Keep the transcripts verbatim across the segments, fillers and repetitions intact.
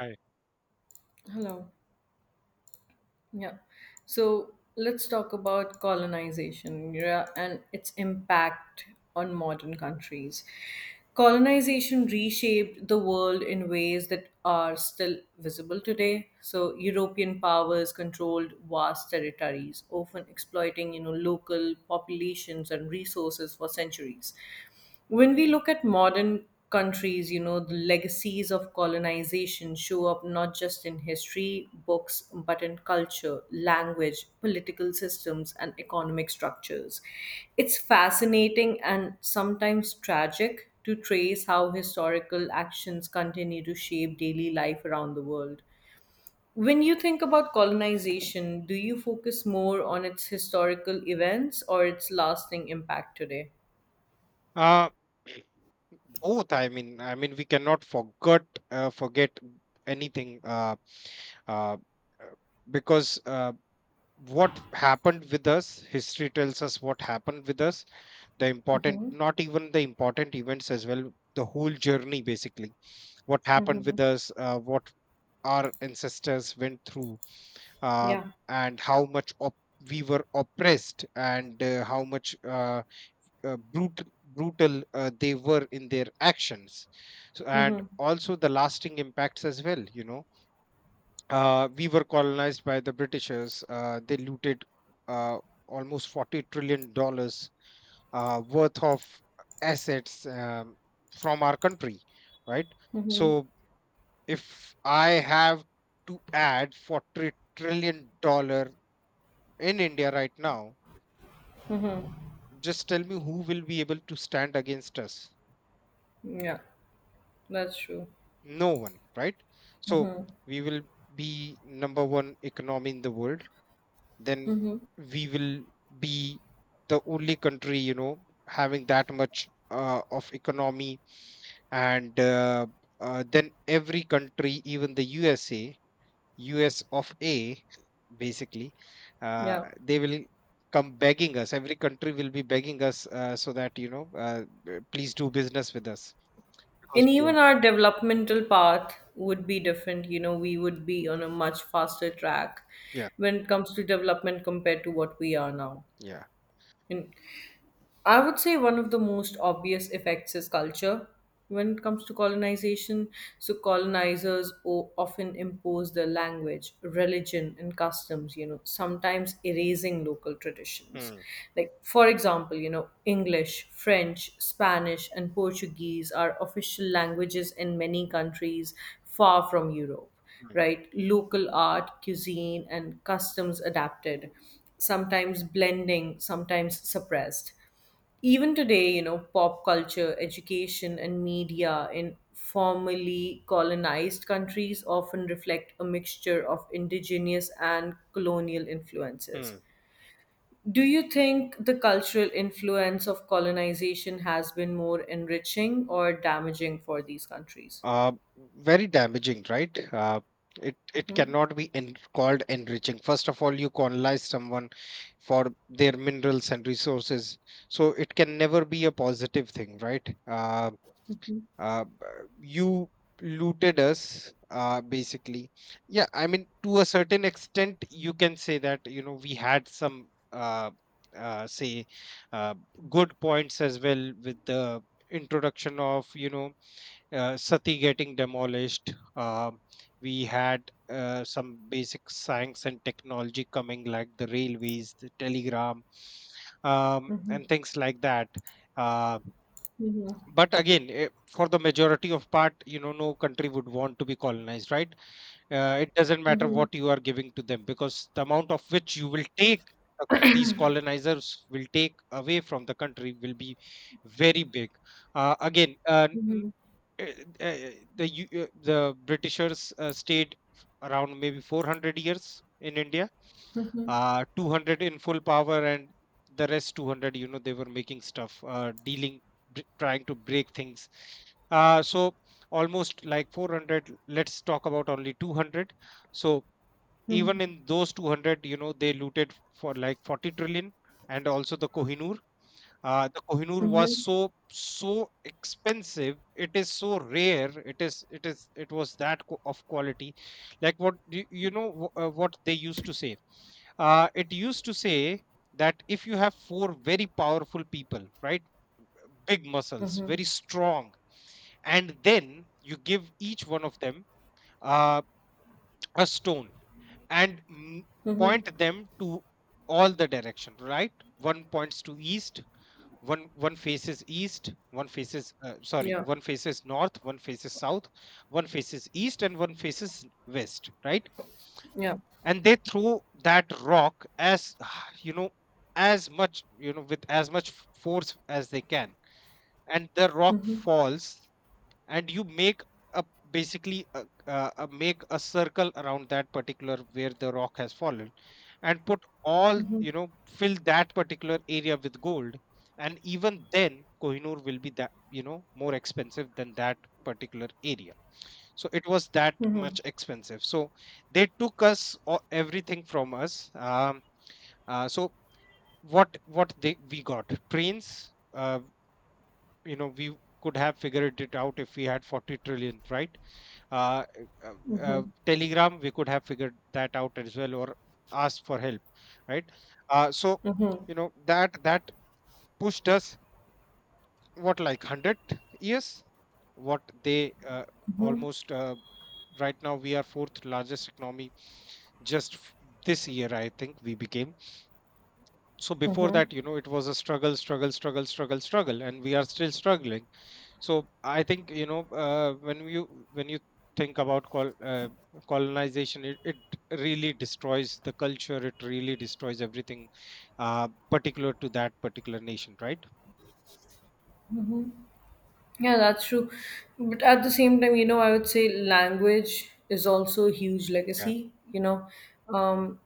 Right. Hello. Yeah. So let's talk about colonization, yeah, and its impact on modern countries. Colonization reshaped the world in ways that are still visible today. So European powers controlled vast territories, often exploiting, you know, local populations and resources for centuries. When we look at modern countries, you know, the legacies of colonization show up not just in history books, but in culture, language, political systems, and economic structures. It's fascinating and sometimes tragic to trace how historical actions continue to shape daily life around the world. When you think about colonization, do you focus more on its historical events or its lasting impact today? Uh, Both. I mean, I mean, we cannot forget uh, forget anything uh, uh, uh, because uh, what happened with us, history tells us what happened with us. The important, not even the important events as well. The whole journey, basically, what happened hmm with us, uh, what our ancestors went through, uh, Yeah. and how much op- we were oppressed, and uh, how much. Uh, uh, brut- brutal uh, they were in their actions. So, and Mm-hmm. also the lasting impacts as well, you know uh, we were colonized by the britishers. Uh, they looted uh, almost forty trillion dollars uh, worth of assets, um, from our country, right? Mm-hmm. So if I have to add forty trillion dollar in india right now, just tell me, who will be able to stand against us? Yeah, that's true. No one, right? So we will be number one economy in the world. Then we will be the only country, you know having that much uh, of economy. And uh, uh, then every country, even the usa, us of a, basically, uh, Yeah. they will come begging us. Every country will be begging us, uh, so that you know uh, please do business with us because And we even are. our developmental path would be different. You know, we would be on a much faster track Yeah, when it comes to development compared to what we are now. yeah. And I would say one of the most obvious effects is culture when it comes to colonization. So, colonizers o- often impose their language, religion, and customs, you know, sometimes erasing local traditions. Hmm, Like, for example, you know, English, French, Spanish, and Portuguese are official languages in many countries far from Europe, hmm, right? Local art, cuisine, and customs adapted, sometimes blending, sometimes suppressed even today, you know, pop culture, education, and media in formerly colonized countries often reflect a mixture of indigenous and colonial influences. hmm. Do you think the cultural influence of colonization has been more enriching or damaging for these countries? uh, Very damaging, right? Uh, it it Mm-hmm. cannot be en- called enriching. First of all, you colonize someone for their minerals and resources, so it can never be a positive thing, right? Uh, uh, b- you looted us, uh, basically. Yeah, I mean, to a certain extent, you can say that, you know, we had some. Uh, uh, say uh, Good points as well, with the introduction of, you know, uh, Sati getting demolished. Uh, we had uh, some basic science and technology coming, like the railways, the telegram, um, Mm-hmm. and things like that. Uh, but again, eh, for the majority of part, you know, no country would want to be colonized, right? Uh, it doesn't matter Mm-hmm. what you are giving to them, because the amount of which you will take, uh, these colonizers will take away from the country will be very big. uh, again uh, Mm-hmm. uh, uh, the U- uh, the Britishers uh, stayed around maybe four hundred years in India, uh, two hundred in full power, and the rest two hundred, you know, they were making stuff, uh, dealing, br- trying to break things. Uh, so almost like four hundred. Let's talk about only two hundred. So even in those two hundred, you know, they looted for like forty trillion, and also the Kohinoor. Uh, the Kohinoor was Mm-hmm. so so expensive. It is so rare. It is it is it was that qu- of quality. Like what you, you know wh- uh, what they used to say. Uh, it used to say that if you have four very powerful people, right, big muscles, very strong, and then you give each one of them uh, a stone, and mm, Mm-hmm. point them to all the direction, right? One points to east, one one faces east, one faces, uh, sorry, Yeah. one faces north, one faces south, one faces east, and one faces west, right? Yeah. And they throw that rock as you know, as much, you know, with as much force as they can, and the rock falls, and you make a, basically a, a, a make a circle around that particular where the rock has fallen, and put all, you know, fill that particular area with gold, and even then kohinoor will be that, you know, more expensive than that particular area. So it was that much expensive. So they took us o- everything from us. Um, uh, so what what they we got trains. Uh, you know, we could have figured it out if we had forty trillion, right? uh, uh, uh, Telegram, we could have figured that out as well, or asked for help, right? Uh, so, you know, that that pushed us, what, like one hundred years, what they uh, almost uh, right now we are fourth largest economy, just f- this year I think we became. So before that, you know, it was a struggle struggle struggle struggle struggle and we are still struggling. So I think, you know, uh, when you when you think about col- uh, colonization, it, it really destroys the culture, it really destroys everything uh, particular to that particular nation, right? Yeah, that's true. But at the same time, you know, I would say language is also a huge Yeah. legacy, you know, um,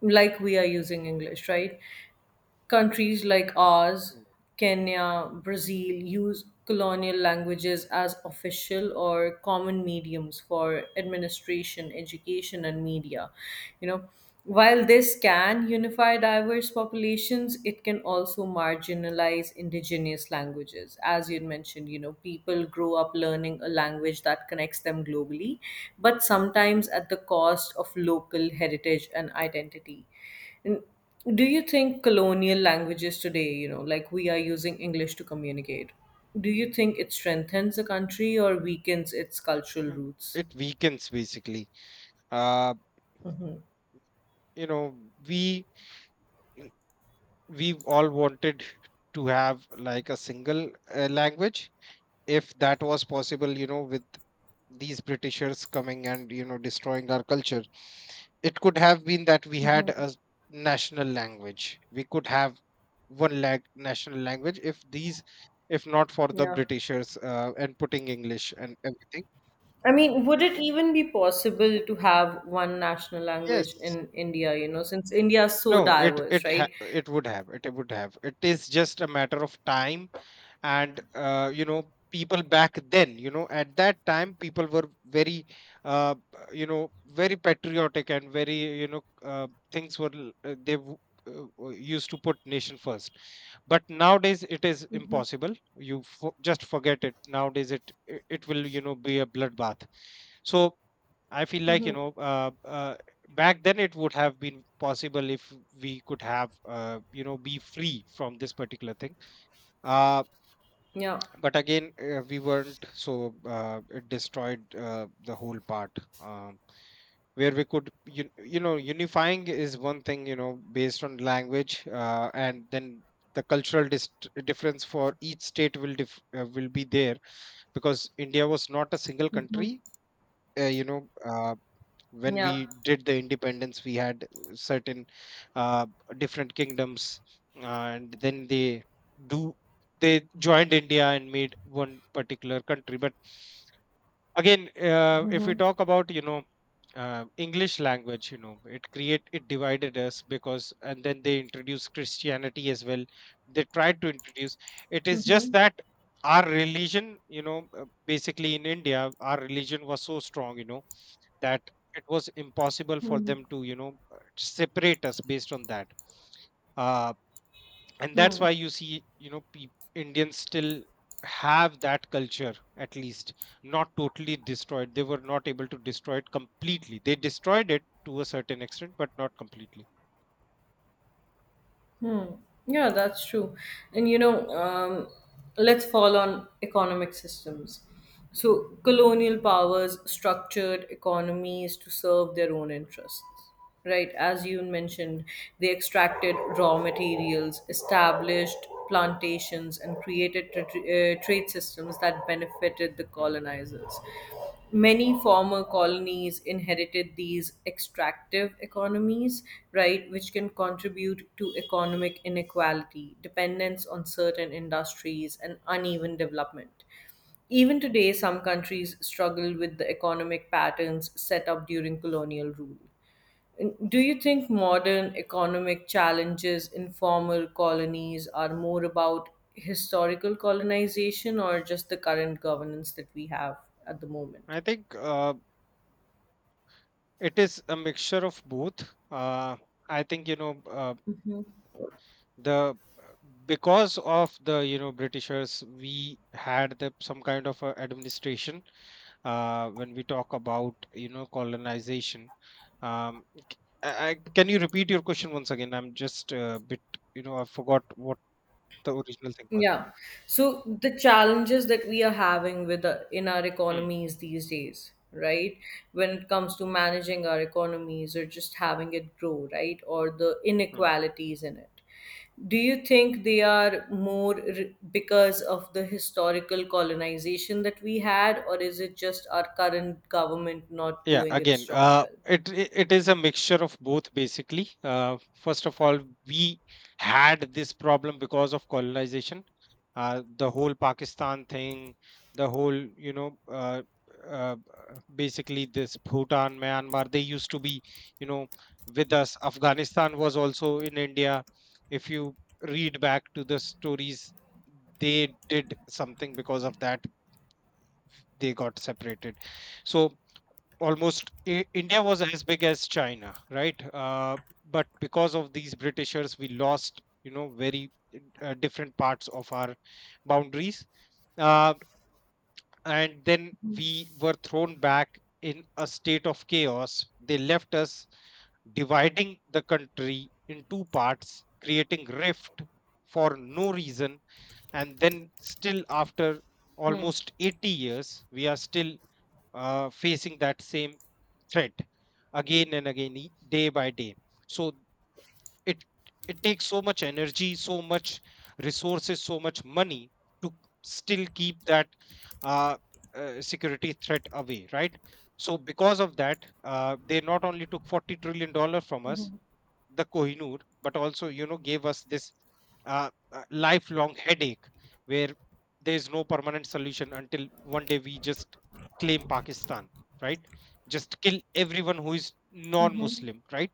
like we are using English, right? Countries like ours, Mm. Kenya, Brazil, use colonial languages as official or common mediums for administration, education, and media. You know, while this can unify diverse populations, it can also marginalize indigenous languages. As you mentioned, you know, people grow up learning a language that connects them globally, but sometimes at the cost of local heritage and identity. And do you think colonial languages today, you know, like we are using English to communicate, do you think it strengthens a country or weakens its cultural Mm, roots? it weakens basically. uh, you know, we we all wanted to have like a single uh, language, if that was possible, you know. With these britishers coming and, you know, destroying our culture, it could have been that we had a s- national language. We could have one lag national language if these, if not for the Yeah. britishers uh, and putting english and everything. I mean, would it even be possible to have one national language Yes. in India, you know, since India is so No, it diverse, it ha right? it would have, it would have. It is just a matter of time, and uh, you know, people back then, you know, at that time, people were very, uh, you know, very patriotic and very, you know, uh, things were l- uh, they w- uh, uh, used to put nation first. But nowadays, it is impossible. You fo just forget it. Nowadays, it it it will, you know, be a bloodbath. So I feel like, you hmm know, uh, uh, back then it would have been possible if we could have, uh, you know, be free from this particular thing. Uh, Yeah. but again, uh, we weren't, so uh, it destroyed uh, the whole part. Um, where we could, you, you know, unifying is one thing, you know, based on language, uh, and then the cultural dis- difference for each state will dif- uh, will be there, because India was not a single country. Uh, you know, uh, when Yeah. we did the independence, we had certain uh, different kingdoms, and then they do they joined india and made one particular country. But again, uh, if we talk about, you know, uh, english language, you know, it create it divided us, because and then they introduced christianity as well. They tried to introduce, it is just that our religion, you know, uh, basically in india our religion was so strong, you know, that it was impossible for hmm them to, you know, uh, separate us based on that. uh, and that's why you see, you know, peop indians still have that culture, at least not totally destroyed. They were not able to destroy it completely. They destroyed it to a certain extent, but not completely. Hmm. Yeah, that's true. And you know, um, let's fall on economic systems. So, colonial powers structured economies to serve their own Mm. interests, right? As you mentioned, they extracted raw materials, established plantations, and created tra- uh, trade systems that benefited the Mm. colonizers. Many former colonies inherited these extractive economies, right, which can contribute to economic inequality, dependence on certain industries, and uneven development. Even today, some countries struggle with the economic patterns set up during colonial rule. Do you think modern economic challenges in former colonies are more about historical colonization or just the current governance that we have at the moment? I think uh, it is a mixture of both. uh, I think, you know, uh, the because of the, you know, britishers, we had the some kind of a administration uh, when we talk about, you know, colonization. Um, c- I, I- can you repeat your question once again? I'm just a bit, you know, I forgot what the original thing was. Yeah. So the challenges that we are having with the, in our Hmm, economies these days, right? When it comes to managing our economies or just having it grow, right? Or the hmm. inequalities in it. Do you think they are more r- because of the historical colonization that we had, or is it just our current government not Yeah, doing its again, job uh, well? it i- it is a mixture of both basically. Uh, first of all, we had this problem because of colonization, uh, the whole Pakistan thing, the whole, you know, uh, uh, basically this Bhutan, Myanmar, they used to be, you know, with us. Afghanistan was also in India. If you read back to the stories, they did something because of that. They got separated. So almost I- India was as big as China, right? Uh, but because of these Britishers, we lost, you know, very uh, different parts of our boundaries. Uh, and then we were thrown back in a state of chaos. They left us dividing the country in two parts, creating rift for no reason. And then, still after Hmm. almost eighty years, we are still uh, facing that same. Right. Again and again, e- day by day. So it it takes so much energy, so much resources, so much money to still keep that uh, uh, security threat away, right? So because of that, uh, they not only took forty trillion dollar from us, the Kohinoor, but also, you know, gave us this uh, uh, lifelong headache, where there is no permanent solution until one day we just claim Pakistan, right? Just kill everyone who is non-Muslim, right?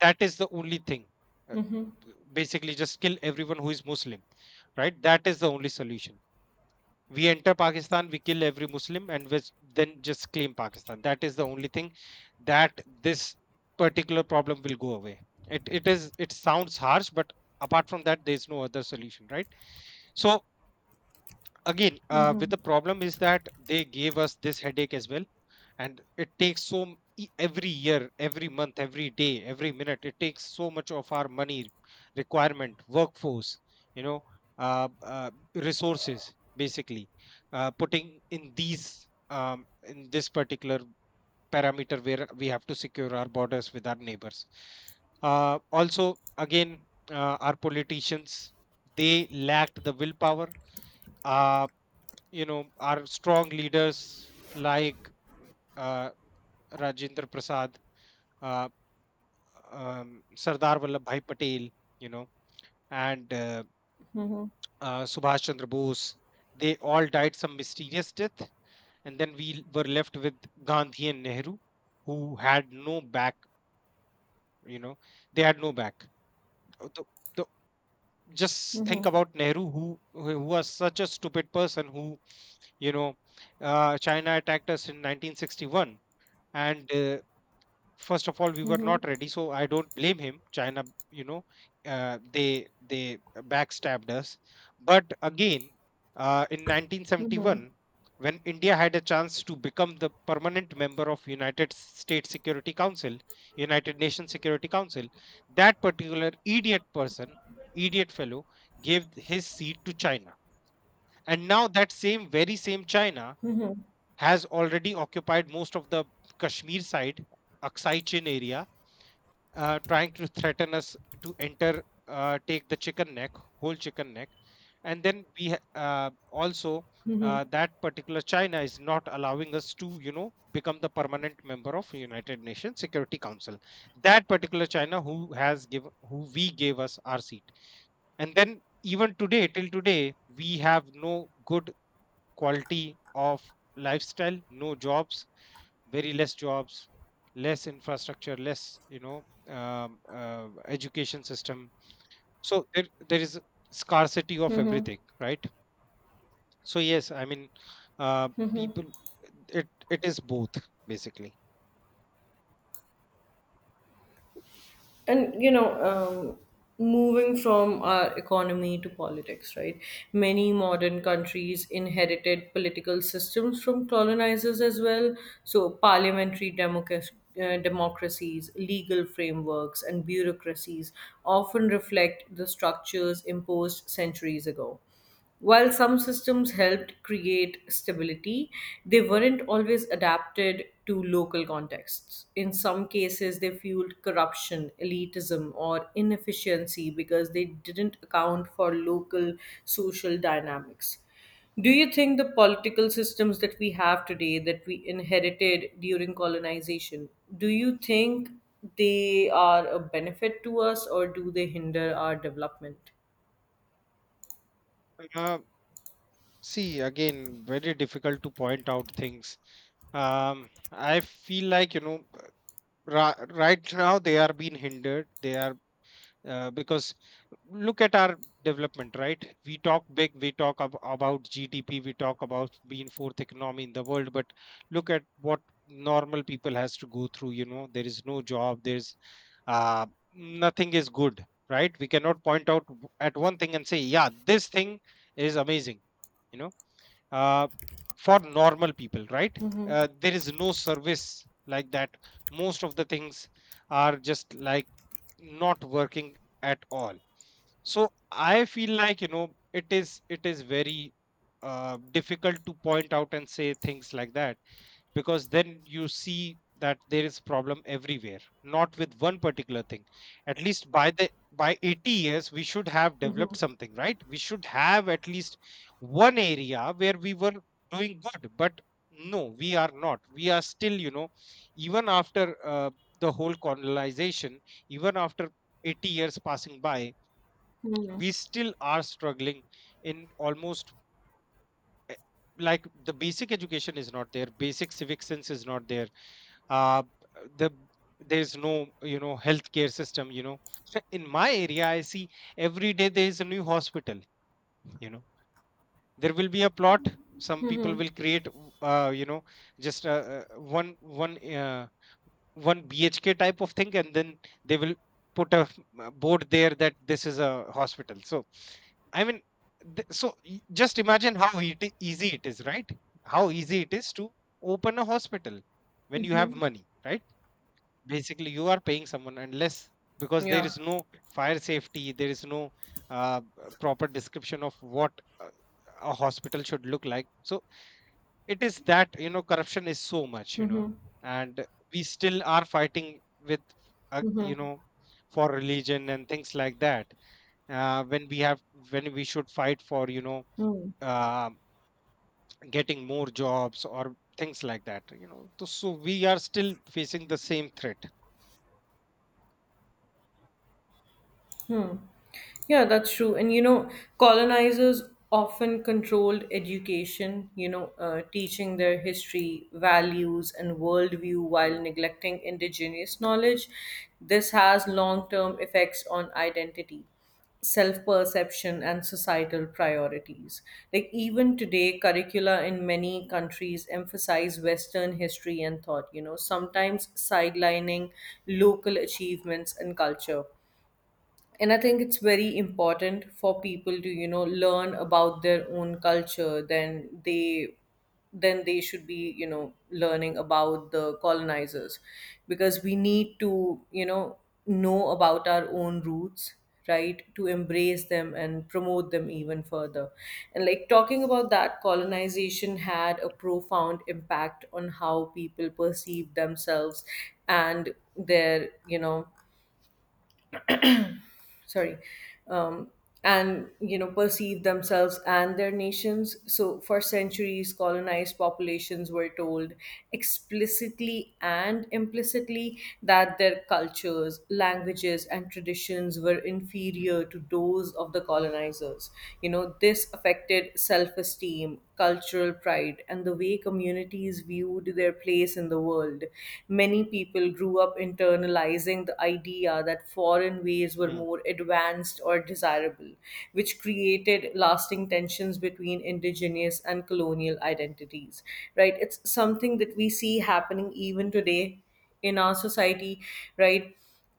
That is the only thing. uh, b- Basically, just kill everyone who is Muslim, right? That is the only solution. We enter Pakistan, we kill every Muslim, and we then just claim Pakistan. That is the only thing that this particular problem will go away. It it is it sounds harsh, but apart from that, there is no other solution, right? So again, uh, with the problem is that they gave us this headache as well, and it takes so m- e- every year, every month, every day, every minute. It takes so much of our money, requirement, workforce, you know uh, uh, resources basically, uh, putting in these um, in this particular parameter where we have to secure our borders with our neighbors. Uh, also, again, uh, our politicians, they lacked the willpower. uh, you know our strong leaders like uh, Rajendra Prasad, uh, um, Sardar Vallabhbhai Patel, you know, and uh, Hmm. uh, Subhash Chandra Bose. They all died some mysterious death, and then we were left with Gandhi and Nehru, who had no back. You know, they had no back. Uh, The, the, just Hmm. think about Nehru, who who was such a stupid person who, you know, uh, China attacked us in nineteen sixty-one. And uh, first of all we were Hmm. not ready, so I don't blame him. China, you know uh, they they backstabbed us. But again, uh, in Hmm. nineteen seventy-one, when India had a chance to become the permanent member of United States Security Council, United Nations Security Council, that particular idiot person, idiot fellow, gave his seat to China. And now, that same, very same China has already occupied most of the Kashmir side, Aksai Chin area, uh, trying to threaten us to enter, uh, take the chicken neck, whole chicken neck. And then we ha- uh, also, Hmm. uh, that particular China is not allowing us to, you know, become the permanent member of United Nations Security Council. That particular China who has given, who we gave us our seat. And then even today, till today, we have no good quality of lifestyle, no jobs, very less jobs, less infrastructure, less, you know um, uh, education system. So there, there is scarcity of everything, right? So yes, I mean, uh, people, it it is both, basically. And you know um, moving from our economy to politics, right, many modern countries inherited political systems from colonizers as well. So parliamentary democracy, uh, democracies, legal frameworks, and bureaucracies often reflect the structures imposed centuries ago. While some systems helped create stability, they weren't always adapted to local contexts. In some cases, they fueled corruption, elitism, or inefficiency because they didn't account for local social dynamics. Do you think the political systems that we have today, that we inherited during colonization, do you think they are a benefit to us or do they hinder our development? uh, See, again, very difficult to point out things. um I feel like, you know ra- right now they are being hindered. They are, uh, because look at our development, right? We talk big. We talk ab- about GDP. We talk about being fourth economy in the world, but look at what normal people has to go through. You know there is no job. There's uh, nothing is good, right? We cannot point out w- at one thing and say, yeah, this thing is amazing. you know uh, for normal people, right? Uh, there is no service like that. Most of the things are just like not working at all. So I feel like, you know it is it is very uh, difficult to point out and say things like that, because then you see that there is problem everywhere, not with one particular thing. At least by the by eighty years, we should have developed something, right? We should have at least one area where we were doing good, but no, we are not. We are still, you know even after uh, the whole colonization, even after eighty years passing by, we still are struggling in almost, eh, like, the basic education is not there, basic civic sense is not there. uh, the there's no, you know healthcare system. you know So in my area, I see every day there is a new hospital. you know there will be a plot, some people will create, uh, you know just uh, uh, one one uh, one BHK type of thing, and then they will put a f- a board there, that this is a hospital. So I mean, th- so y- just imagine how it, i- easy it is, right? How easy it is to open a hospital when you have hmm money, right? Basically you are paying someone, unless, because there Yeah. is no fire safety, there is no uh, proper description of what uh, a hospital should look like. So it is that, you know corruption is so much. you know Mhm. And we still are fighting with, uh, you know for religion and things like that, uh, when we have, when we should fight for, you know Hmm. uh, getting more jobs or things like that. You know so, so we are still facing the same threat. Yeah, that's true. And you know, colonizers often controlled education, you know, uh, teaching their history, values, and worldview Hmm, while neglecting indigenous knowledge. This has long term effects on identity, self perception, and societal priorities. Like, even today, curricula in many countries emphasize Western history and thought, you know, sometimes sidelining local achievements and culture. And I think it's very important for people to you know learn about their own culture, then they then they should be you know learning about the colonizers, because we need to you know know about our own roots, right, to embrace them and promote them even further. And like talking about that, colonization had a profound impact on how people perceive themselves and their, you know sorry um, and you know perceive themselves and their nations. So for centuries, colonized populations were told explicitly and implicitly that their cultures, languages, and traditions were hmm, inferior to those of the colonizers. You know, this affected self-esteem, cultural pride, and the way communities communities viewed their place in the world. Many people grew up internalizing the idea that foreign ways were hmm, more advanced or desirable, which created lasting tensions between indigenous and colonial identities. Right? It's something that we see happening even today in our society, right?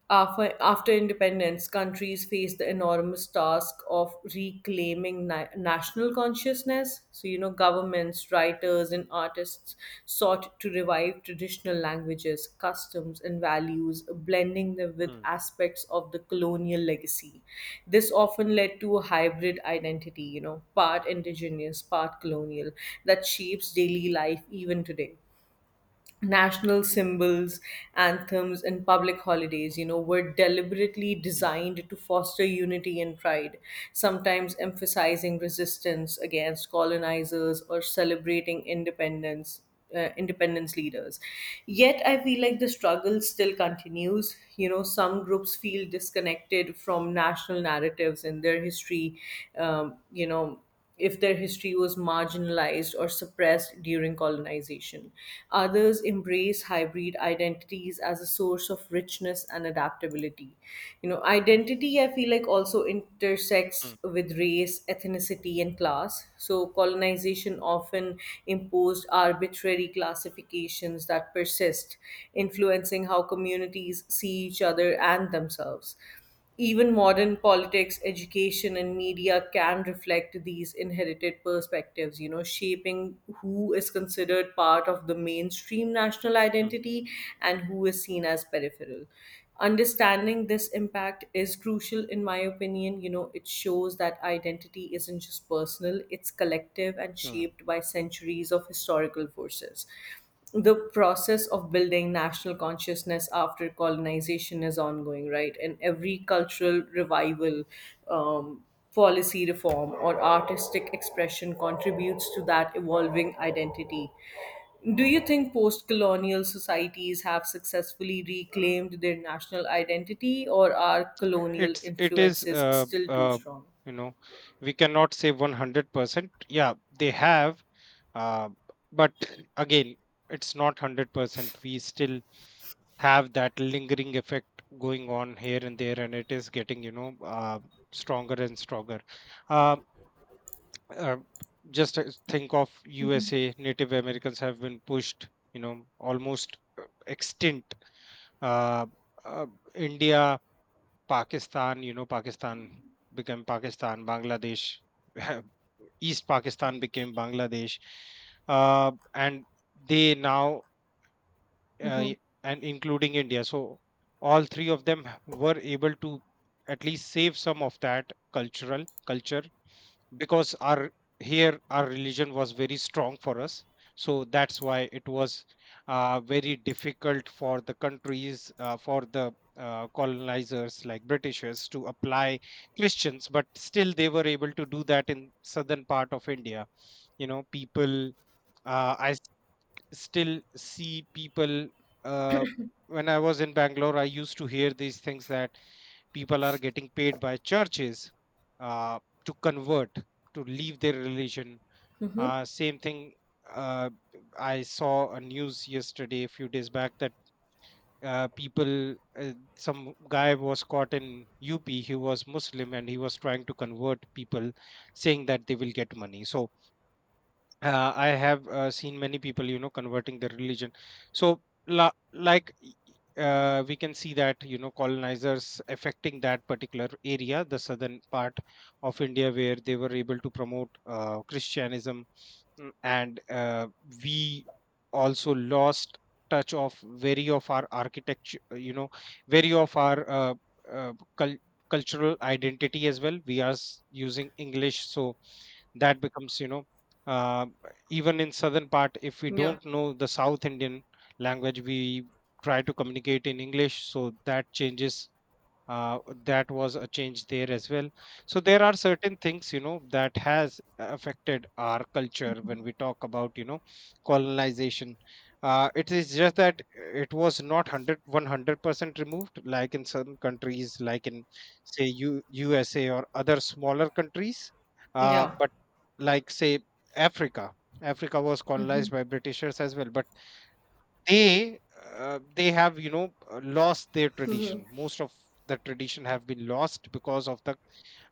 After, after independence, countries faced the enormous task of reclaiming na- national consciousness. So, you know, governments, writers, and artists sought to revive traditional languages, customs, and values, blending them with hmm. aspects of the colonial legacy. This often led to a hybrid identity, you know, part indigenous, part colonial, that shapes daily life even today. National symbols, anthems, and public holidays, you know, were deliberately Mm, designed to foster unity and pride, sometimes emphasizing resistance against colonizers or celebrating independence. Uh, independence leaders. Yet, I feel like the struggle still continues. You know, some groups feel disconnected from national narratives and their history, um, you know, if their history was marginalized or suppressed during colonization. Others embrace hybrid identities as a source of richness and adaptability. You know, identity, I feel like, also intersects mm, with race, ethnicity, and class. So, colonization often imposed arbitrary classifications that persist, influencing how communities see each other and themselves. Even modern politics, education, and media can reflect these inherited perspectives, you know, shaping who is considered part of the mainstream national mm, identity and who is seen as peripheral. Understanding this impact is crucial, in my opinion. You know, it shows that identity isn't just personal, it's collective and mm. shaped by centuries of historical forces. The process of building national consciousness after colonization is ongoing, right? And every cultural revival, um, policy reform, or artistic expression contributes to that evolving identity. Do you think post colonial societies have successfully reclaimed their national identity, or are colonial It's it is influences uh, still too uh strong? you know we cannot say one hundred percent. Yeah, they have, uh but again, it's not one hundred percent. We still have that lingering effect going on here and there, and it is getting, you know uh stronger and stronger. Uh, uh just uh, think of U S A, Native Americans have been pushed, you know almost uh, extinct. Uh, uh, India, Pakistan, you know, Pakistan became Pakistan, Bangladesh, East Pakistan became Bangladesh, uh, and they now, uh, Mm-hmm. and including India. So all three of them were able to at least save some of that cultural culture, because our here our religion was very strong for us. So that's why it was uh, very difficult for the countries uh, for the uh, colonizers like Britishers to apply Christians, but still they were able to do that in southern part of India. You know people, uh, i s- still see people, uh, when I was in Bangalore, I used to hear these things, that people are getting paid by churches, uh, to convert, to leave their religion. Mm-hmm. Uh, same thing. uh, I saw a news yesterday, a few days back, that uh, people, uh, some guy was caught in UP. He was Muslim and he was trying to convert people, saying that they will get money. So uh, I have uh, seen many people, you know, converting their religion. So, la- like, y- y- uh, we can see that, you know, colonizers affecting that particular area, the southern part of India, where they were able to promote uh, Christianism. Mm. And uh, we also lost touch of very of our architecture, uh, you know, very of our uh, uh, cul- cultural identity as well. We are s- using English. So that becomes, you know uh, even in southern part, if we Yeah. don't know the South Indian language, we try to communicate in English. So that changes, uh, that was a change there as well. So there are certain things, you know that has affected our culture when we talk about, you know colonization. Uh, it is just that it was not one hundred one hundred percent removed, like in certain countries, like in, say, U, USA, or other smaller countries. uh, Yeah. But like, say, africa africa was colonized by Britishers as well, but they, uh, they have, you know uh, lost their tradition. Most of the tradition have been lost because of the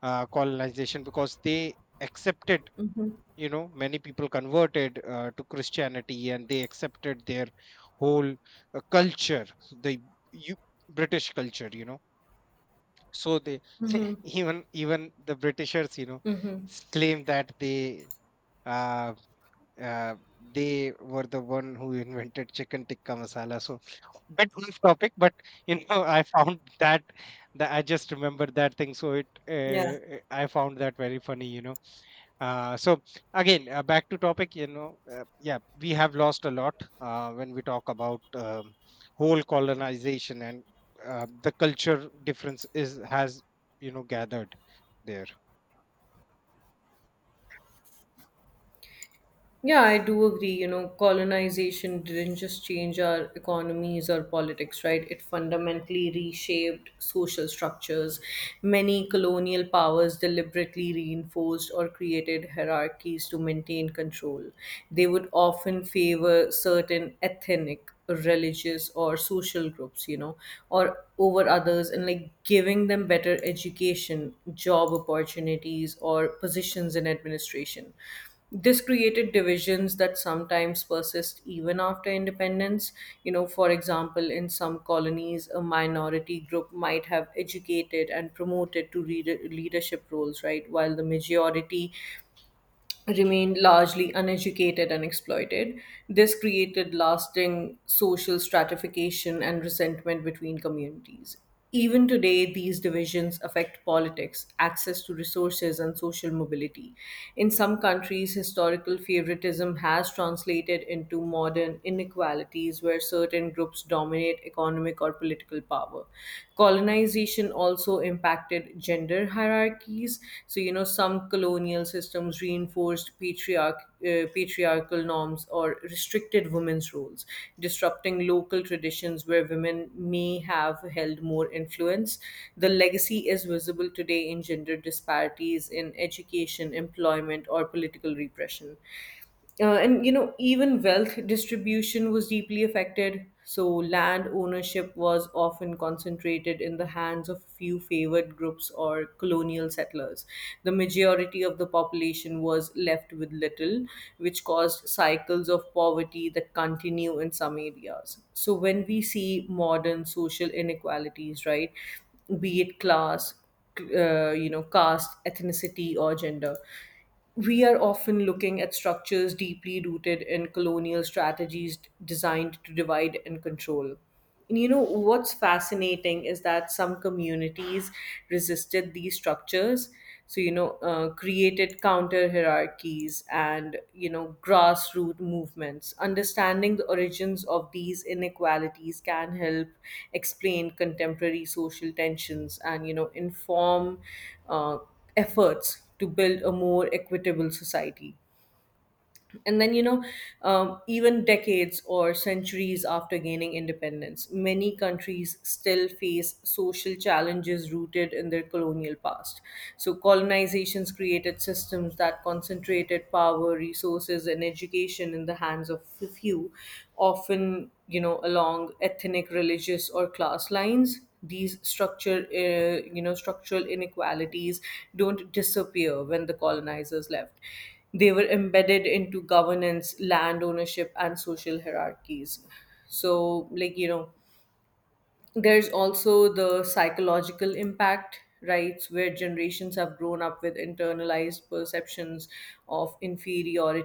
uh, colonization, because they accepted, you know many people converted uh, to Christianity, and they accepted their whole uh, culture, the you, British culture. You know so they even even the Britishers, you know s- claim that they, uh, uh, they were the one who invented chicken tikka masala. So bit off topic, but, you know, I found that, that I just remembered that thing. So it, Yeah. uh, uh, I found that very funny. You know, uh, so again, uh, back to topic. You know, uh, yeah, we have lost a lot uh, when we talk about um, whole colonization. And uh, the culture difference is has, you know gathered there. Yeah, I do agree. You know, colonization didn't just change our economies or politics, right? It fundamentally reshaped social structures. Many colonial powers deliberately reinforced or created hierarchies to maintain control. They would often favor certain ethnic, religious, or social groups, you know, or over others, and like giving them better education, job opportunities, or positions in administration. This created divisions that sometimes persist even after independence. You know, for example, in some colonies, a minority group might have educated and promoted to reader leadership roles, right? While the majority remained largely uneducated and exploited. This created lasting social stratification and resentment between communities. Even today, these divisions affect politics, access to resources, and social mobility. In some countries, historical favoritism has translated into modern inequalities where certain groups dominate economic or political power power. Colonization also impacted gender hierarchies. So, you know, some colonial systems reinforced patriarch, uh, patriarchal norms or restricted women's roles, disrupting local traditions where women may have held more influence. The legacy is visible today in gender disparities in education, employment, or political repression. Uh, and you know, even wealth distribution was deeply affected. So, land ownership was often concentrated in the hands of a few favored groups or colonial settlers. The majority of the population was left with little, which caused cycles of poverty that continue in some areas. So, when we see modern social inequalities, right, be it class, uh, you know, caste, ethnicity, or gender, we are often looking at structures deeply rooted in colonial strategies designed to divide and control. And you know, what's fascinating is that some communities resisted these structures. So, you know, uh, created counter hierarchies and, you know, grassroots movements. Understanding the origins of these inequalities can help explain contemporary social tensions and, you know, inform uh, efforts to build a more equitable society. And then, you know, um, even decades or centuries after gaining independence, many countries still face social challenges rooted in their colonial past. So, colonizations created systems that concentrated power, resources, and education in the hands of a few, often, you know, along ethnic, religious, or class lines. These structure, uh, you know, structural inequalities don't disappear when the colonizers left. They were embedded into governance, land ownership, and social hierarchies. So, like, you know, there's also the psychological impact, right? Where generations have grown up with internalized perceptions of inferiority